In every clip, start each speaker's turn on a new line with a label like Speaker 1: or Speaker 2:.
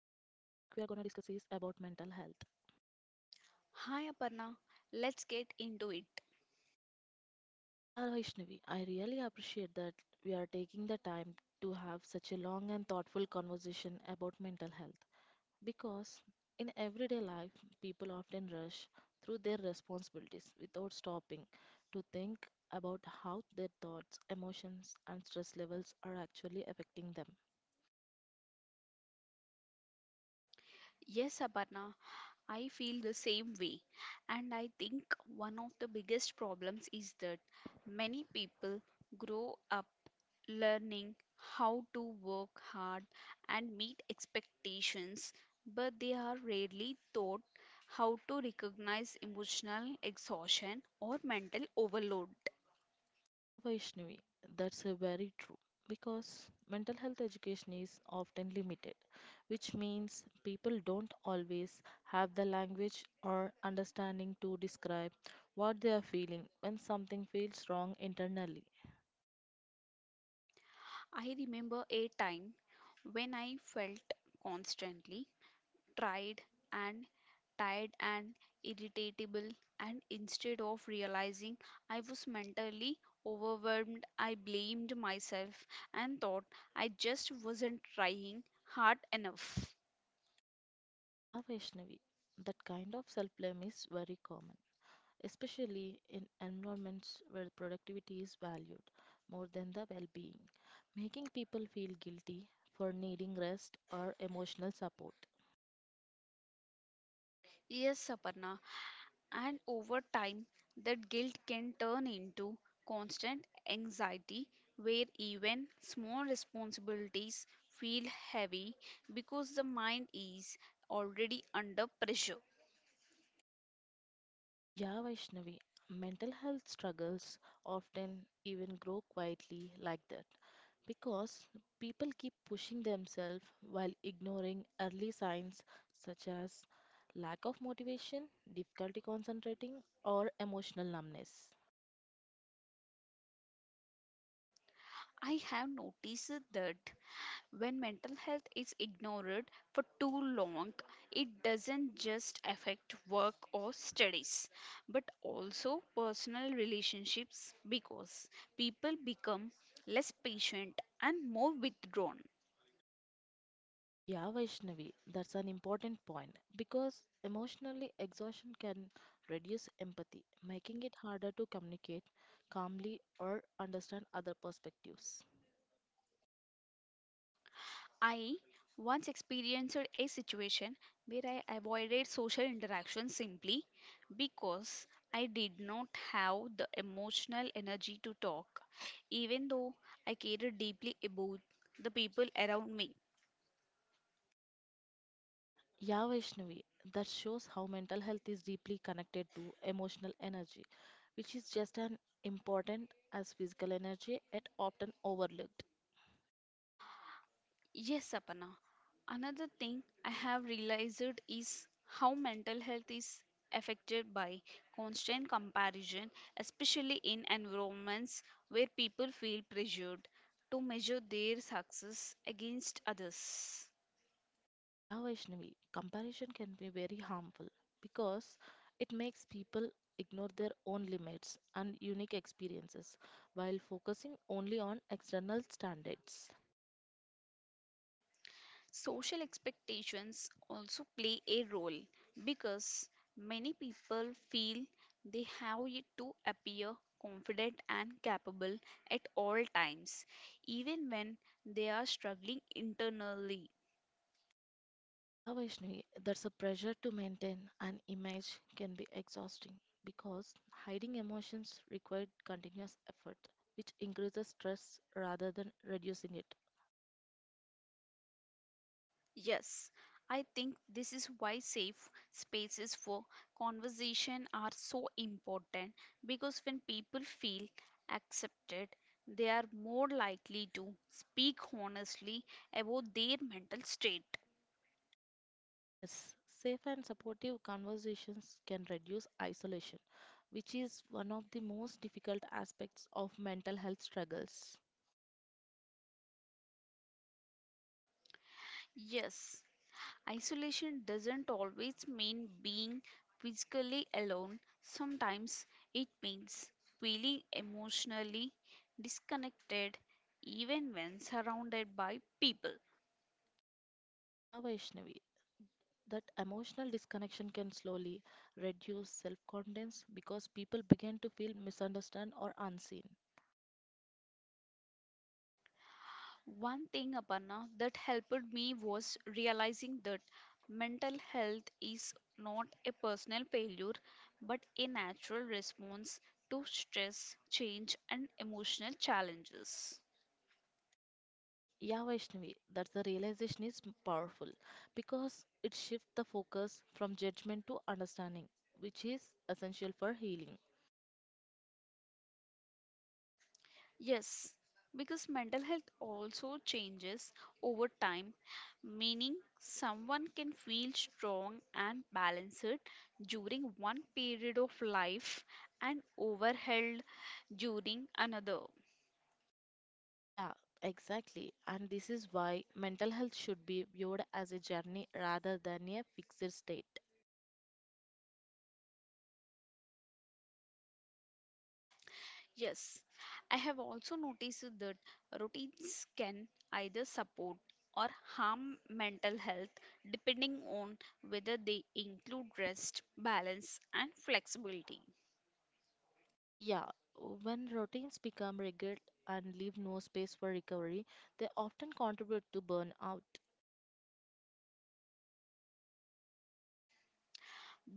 Speaker 1: we are gonna discuss is about mental health.
Speaker 2: Hi Aparna, let's get into it.
Speaker 1: Yeah, Vaishnavi, I really appreciate that we are taking the time to have such a long and thoughtful conversation about mental health because in everyday life people often rush through their responsibilities without stopping to think about how their thoughts, emotions and stress levels are actually affecting them.
Speaker 2: Yes, Aparna, I feel the same way. And I think one of the biggest problems is that many people grow up learning how to work hard and meet expectations, but they are rarely taught how to recognize emotional exhaustion or mental overload.
Speaker 1: Yeah, Vaishnavi, that's very true because mental health education is often limited, which means people don't always have the language or understanding to describe what they are feeling when something feels wrong internally.
Speaker 2: I remember a time when I felt constantly tried and tired and irritable, and instead of realizing I was mentally overwhelmed, I blamed myself and thought I just wasn't trying hard enough.
Speaker 1: Yeah, Vaishnavi, that kind of self blame is very common, especially in environments where productivity is valued more than the well being, making people feel guilty for needing rest or emotional support.
Speaker 2: Yes, Aparna, and over time that guilt can turn into constant anxiety where even small responsibilities feel heavy because the mind is already under pressure.
Speaker 1: Yeah, Vaishnavi, mental health struggles often even grow quietly like that because people keep pushing themselves while ignoring early signs such as lack of motivation, difficulty concentrating, or emotional numbness.
Speaker 2: I have noticed that when mental health is ignored for too long, it doesn't just affect work or studies, but also personal relationships because people become less patient and more withdrawn.
Speaker 1: Yeah, Vaishnavi, that's an important point because emotionally exhaustion can reduce empathy, making it harder to communicate calmly or understand other perspectives.
Speaker 2: I once experienced a situation where I avoided social interaction simply because I did not have the emotional energy to talk, even though I cared deeply about the people around me.
Speaker 1: Yeah, Vaishnavi, that shows how mental health is deeply connected to emotional energy, which is just as important as physical energy and often overlooked.
Speaker 2: Yes, Sapna. Another thing I have realized is how mental health is affected by constant comparison, especially in environments where people feel pressured to measure their success against others.
Speaker 1: Yeah, Vaishnavi, comparison can be very harmful because it makes people ignore their own limits and unique experiences while focusing only on external standards.
Speaker 2: Social expectations also play a role because many people feel they have to appear confident and capable at all times, even when they are struggling internally.
Speaker 1: Yeah, Vaishnavi, that's a pressure to maintain an image can be exhausting because hiding emotions require continuous effort, which increases stress rather than reducing it.
Speaker 2: Yes, I think this is why safe spaces for conversation are so important because when people feel accepted, they are more likely to speak honestly about their mental state.
Speaker 1: Yes, safe and supportive conversations can reduce isolation, which is one of the most difficult aspects of mental health struggles.
Speaker 2: Yes, isolation doesn't always mean being physically alone, sometimes it means feeling emotionally disconnected even when surrounded by people.
Speaker 1: Yeah, Vaishnavi, that emotional disconnection can slowly reduce self confidence because people begin to feel misunderstood or unseen.
Speaker 2: One thing, Aparna, that helped me was realizing that mental health is not a personal failure but a natural response to stress, change, and emotional challenges.
Speaker 1: Yeah, Vaishnavi, that's the realization is powerful because it shifts the focus from judgment to understanding, which is essential for healing.
Speaker 2: Yes, because mental health also changes over time, meaning someone can feel strong and balanced during one period of life and overwhelmed during another.
Speaker 1: Yeah, exactly. And this is why mental health should be viewed as a journey rather than a fixed state.
Speaker 2: Yes, I have also noticed that routines can either support or harm mental health depending on whether they include rest, balance, and flexibility.
Speaker 1: Yeah, when routines become rigid and leave no space for recovery, they often contribute to burnout.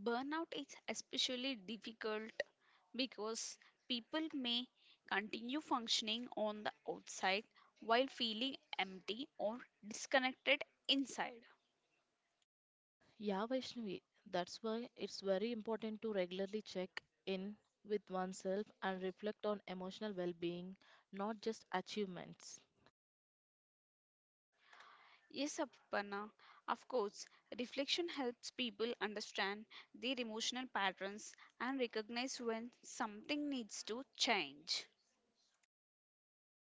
Speaker 2: Burnout is especially difficult because people may continue functioning on the outside while feeling empty or disconnected inside.
Speaker 1: Yeah, Vaishnavi, that's why it's very important to regularly check in with oneself and reflect on emotional well being, not just achievements.
Speaker 2: Yes, Aparna, of course. Reflection helps people understand their emotional patterns and recognize when something needs to change.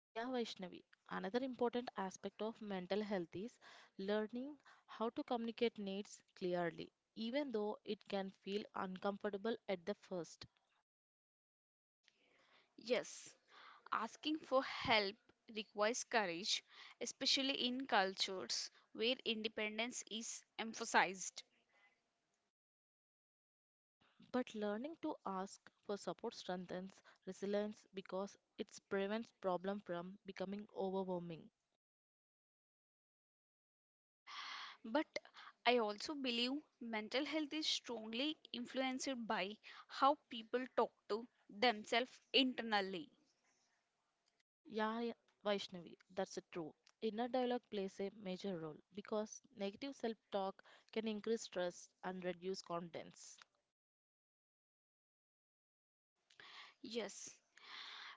Speaker 1: Yeah, Vaishnavi, another important aspect of mental health is learning how to communicate needs clearly, even though it can feel uncomfortable at the first.
Speaker 2: Yes, asking for help requires courage, especially in cultures where independence is emphasized.
Speaker 1: Yeah, but learning to ask for support strengthens resilience because it prevents problem from becoming overwhelming.
Speaker 2: But I also believe mental health is strongly influenced by how people talk to themselves internally.
Speaker 1: Yeah, Vaishnavi, that's a true. Inner dialogue plays a major role because negative self talk can increase stress and reduce confidence.
Speaker 2: Yes,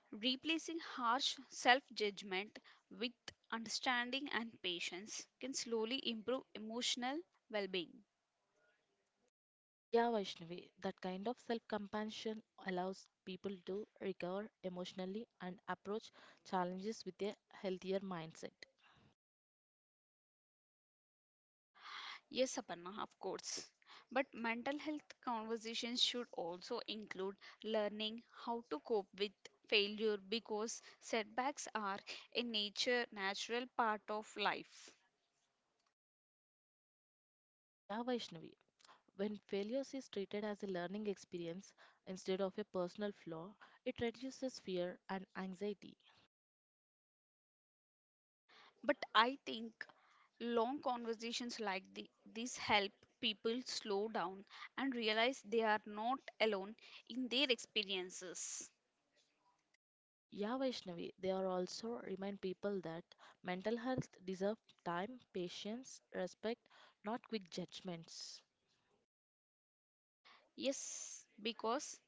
Speaker 2: replacing harsh self judgment with understanding and patience can slowly improve emotional well being.
Speaker 1: Yeah, Vaishnavi, that kind of self compassion allows people to recover emotionally and approach challenges with a healthier mindset.
Speaker 2: Yes, Aparna, of course. But mental health conversations should also include learning how to cope with failure because setbacks are a nature natural part of life.
Speaker 1: Yeah, Vaishnavi, when failures is treated as a learning experience instead of a personal flaw, it reduces fear and anxiety.
Speaker 2: But I think long conversations like this help people slow down and realize they are not alone in their experiences.
Speaker 1: Yeah, Vaishnavi, they are also remind people that mental health deserves time, patience, respect, not quick judgments.
Speaker 2: Yes, because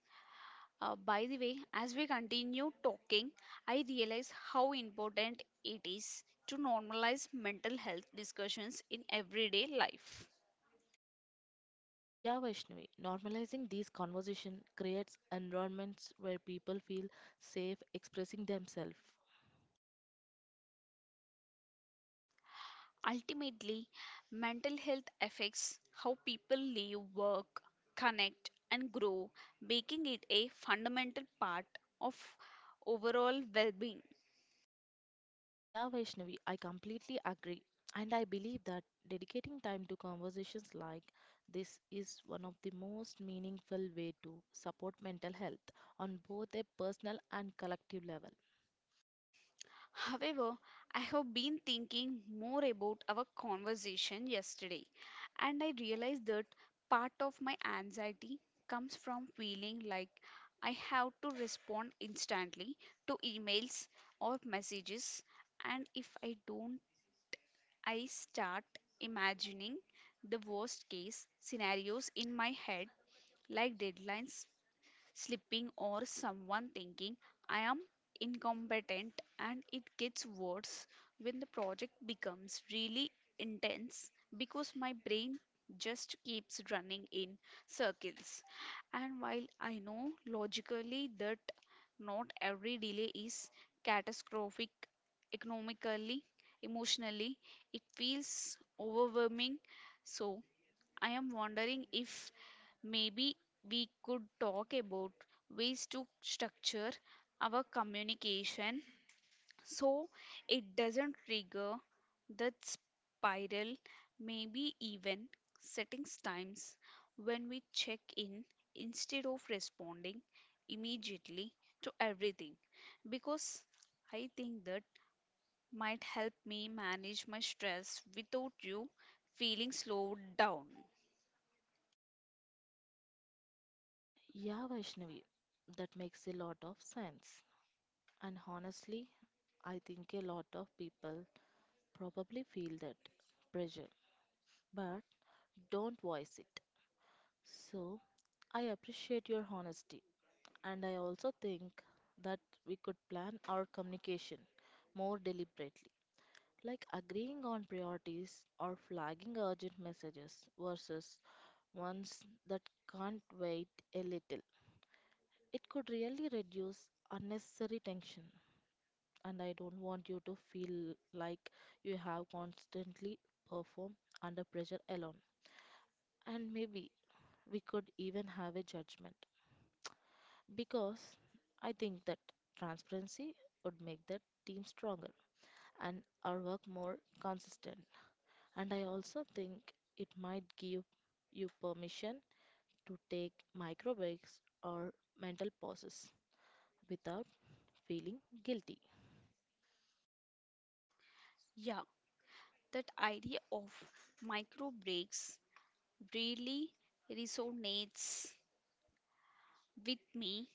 Speaker 2: by the way, as we continue talking, I realize how important it is to normalize mental health discussions in everyday life.
Speaker 1: Yeah, Vaishnavi, normalizing these conversations creates environments where people feel safe expressing themselves.
Speaker 2: Ultimately, mental health affects how people live, work, connect, and grow, making it a fundamental part of overall well being.
Speaker 1: Yeah, Vaishnavi, I completely agree. And I believe that dedicating time to conversations like this is one of the most meaningful way to support mental health on both a personal and collective level.
Speaker 2: However, I have been thinking more about our conversation yesterday, and I realized that part of my anxiety comes from feeling like I have to respond instantly to emails or messages, and if I don't, I start imagining the worst case scenarios in my head, like deadlines slipping or someone thinking I am incompetent, and it gets worse when the project becomes really intense because my brain just keeps running in circles. And while I know logically that not every delay is catastrophic economically, emotionally, it feels overwhelming. So, I am wondering if maybe we could talk about ways to structure our communication so it doesn't trigger that spiral. Maybe even settings times when we check in instead of responding immediately to everything because I think that might help me manage my stress without you feeling slowed down.
Speaker 1: Yeah, Vaishnavi, that makes a lot of sense. And honestly, I think a lot of people probably feel that pressure, but don't voice it. So, I appreciate your honesty, and I also think that we could plan our communication more deliberately, like agreeing on priorities or flagging urgent messages versus ones that can't wait a little. It could really reduce unnecessary tension, and I don't want you to feel like you have constantly perform under pressure alone. And maybe we could even have a judgment because I think that transparency would make the team stronger and our work more consistent. And I also think it might give you permission to take micro breaks or mental pauses without feeling guilty.
Speaker 2: Yeah, that idea of micro breaks really resonates with me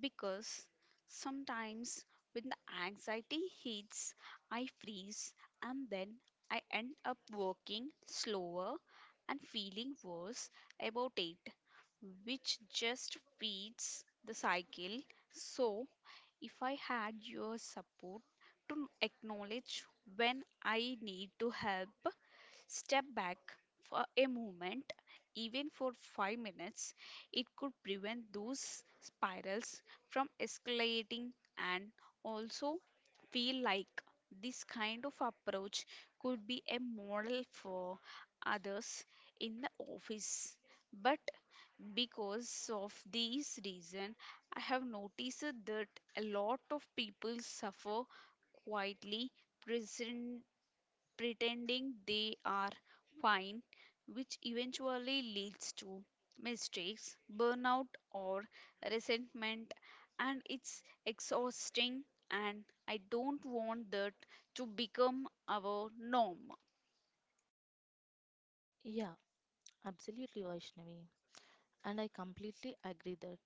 Speaker 2: because sometimes when the anxiety hits, I freeze and then I end up working slower and feeling worse about it, which just feeds the cycle. So, if I had your support to acknowledge when I need to help step back for a moment, even for 5 minutes, it could prevent those spirals from escalating, and also feel like this kind of approach could be a model for others in the office. But because of these reason, I have noticed that a lot of people suffer quietly pretending they are fine, which eventually leads to mistakes, burnout, or resentment. And it's exhausting, and I don't want that to become our norm.
Speaker 1: Yeah, absolutely, Vaishnavi. And I completely agree that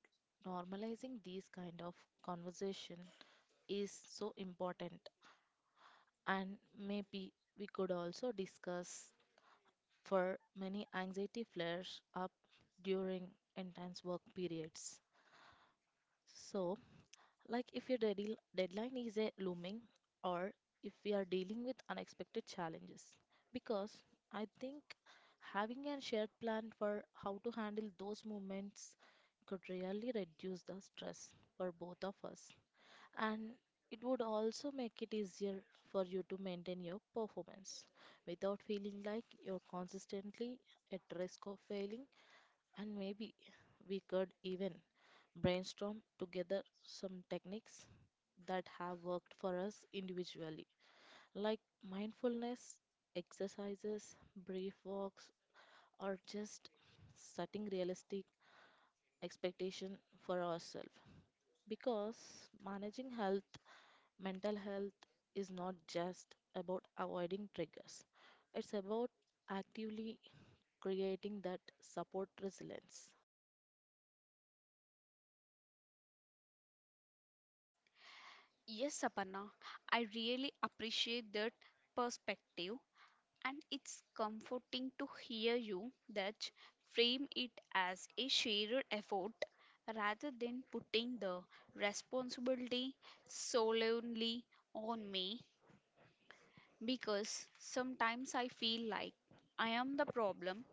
Speaker 1: normalizing these kind of conversation is so important. And maybe we could also discuss for many anxiety flares up during intense work periods. So, like if your deadline is a looming or if we are dealing with unexpected challenges. Because I think having a shared plan for how to handle those moments could really reduce the stress for both of us. And it would also make it easier for you to maintain your performance without feeling like you're consistently at risk of failing. And maybe we could even brainstorm together some techniques that have worked for us individually, like mindfulness exercises, brief walks, or just setting realistic expectation for ourselves. Because managing health, mental health is not just about avoiding triggers. It's about actively creating that support resilience.
Speaker 2: Yes, Aparna, I really appreciate that perspective. And it's comforting to hear you that frame it as a shared effort rather than putting the responsibility solely on me because sometimes I feel like I am the problem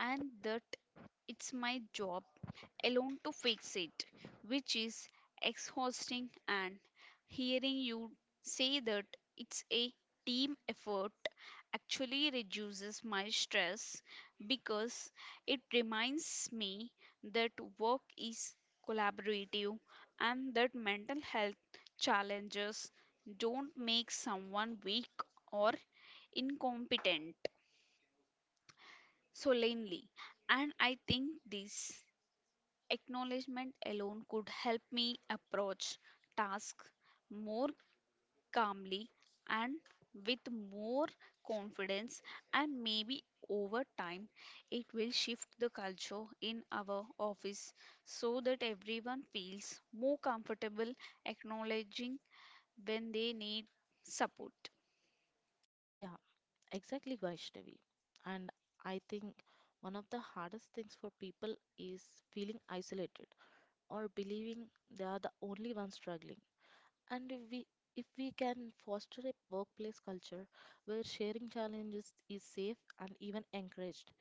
Speaker 2: and that it's my job alone to fix it, which is exhausting. And hearing you say that it's a team effort actually reduces my stress because it reminds me that work is collaborative and that mental health challenges don't make someone weak or incompetent solely. And I think this acknowledgement alone could help me approach tasks more calmly and with more confidence, and maybe over time it will shift the culture in our office so that everyone feels more comfortable acknowledging when they need support.
Speaker 1: Yeah, exactly, Vaishnavi. And I think one of the hardest things for people is feeling isolated or believing they are the only ones struggling. And if we can foster a workplace culture where sharing challenges is safe and even encouraged,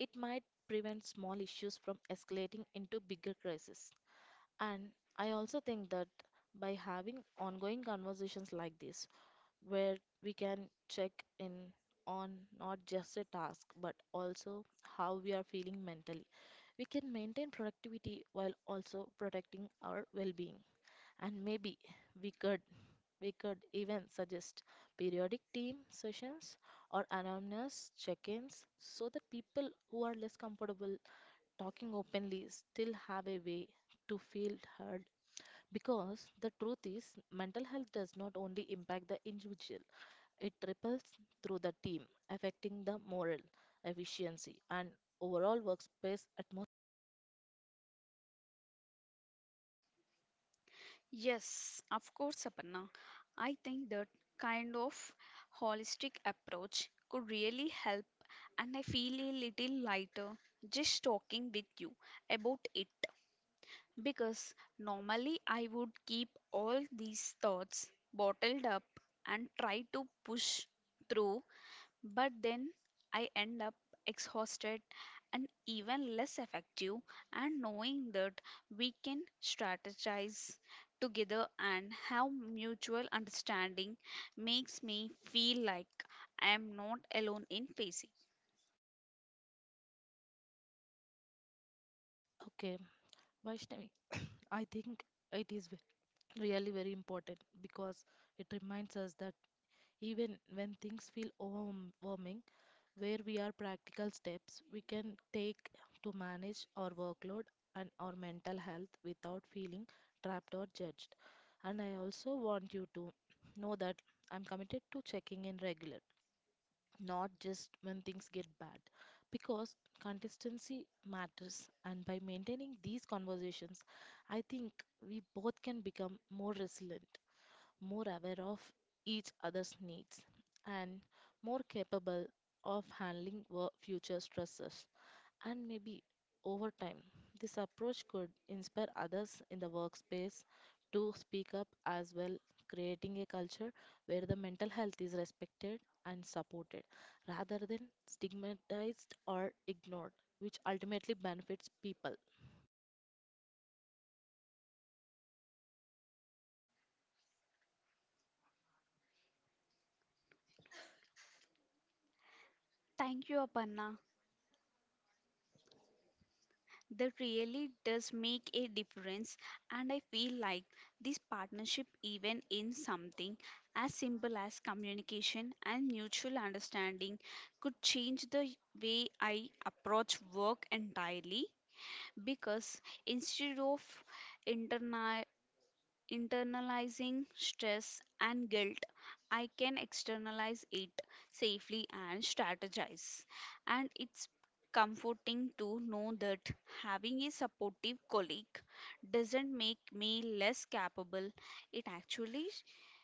Speaker 1: it might prevent small issues from escalating into bigger crises. And I also think that by having ongoing conversations like this, where we can check in on not just a task but also how we are feeling mentally. We can maintain productivity while also protecting our well being. And maybe we could we could even suggest periodic team sessions or anonymous check-ins so that people who are less comfortable talking openly still have a way to feel heard because the truth is mental health does not only impact the individual, it ripples through the team, affecting the morale, efficiency, and overall workspace atmosphere.
Speaker 2: Yes, of course, Aparna, I think that kind of holistic approach could really help, and I feel a little lighter just talking with you about it. Because normally I would keep all these thoughts bottled up and try to push through, but then I end up exhausted and even less effective. And knowing that we can strategize together and have mutual understanding makes me feel like I am not alone in facing.
Speaker 1: Okay, Vaishnavi, I think it is really very important because it reminds us that even when things feel overwhelming, where we are practical steps we can take to manage our workload and our mental health without feeling trapped or judged. And I also want you to know that I'm committed to checking in regular, not just when things get bad, because consistency matters and by maintaining these conversations I think we both can become more resilient, more aware of each other's needs, and more capable of handling future stresses. And maybe over time, this approach could inspire others in the workspace to speak up as well, creating a culture where the mental health is respected and supported rather than stigmatized or ignored, which ultimately benefits people.
Speaker 2: Thank you, Aparna. That really does make a difference, and I feel like this partnership, even in something as simple as communication and mutual understanding, could change the way I approach work entirely. Because instead of interna- internalizing stress and guilt, I can externalize it safely and strategize. And it's comforting to know that having a supportive colleague doesn't make me less capable, it actually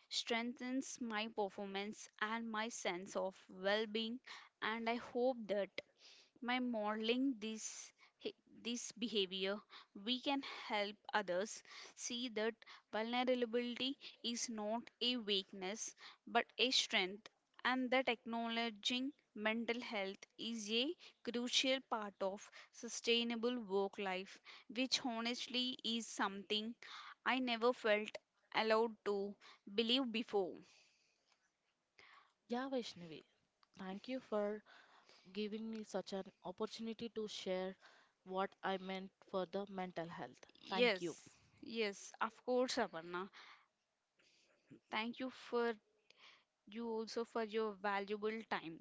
Speaker 2: strengthens my performance and my sense of well being. And I hope that by modeling this he- this behavior we can help others see that vulnerability is not a weakness but a strength and that acknowledging mental health is a crucial part of sustainable work life, which honestly is something I never felt allowed to believe before.
Speaker 1: Yeah, Vaishnavi, thank you for giving me such an opportunity to share what I meant for the mental health. Thank you.
Speaker 2: Yes, yes of course, Aparna, thank you for you also for your valuable time.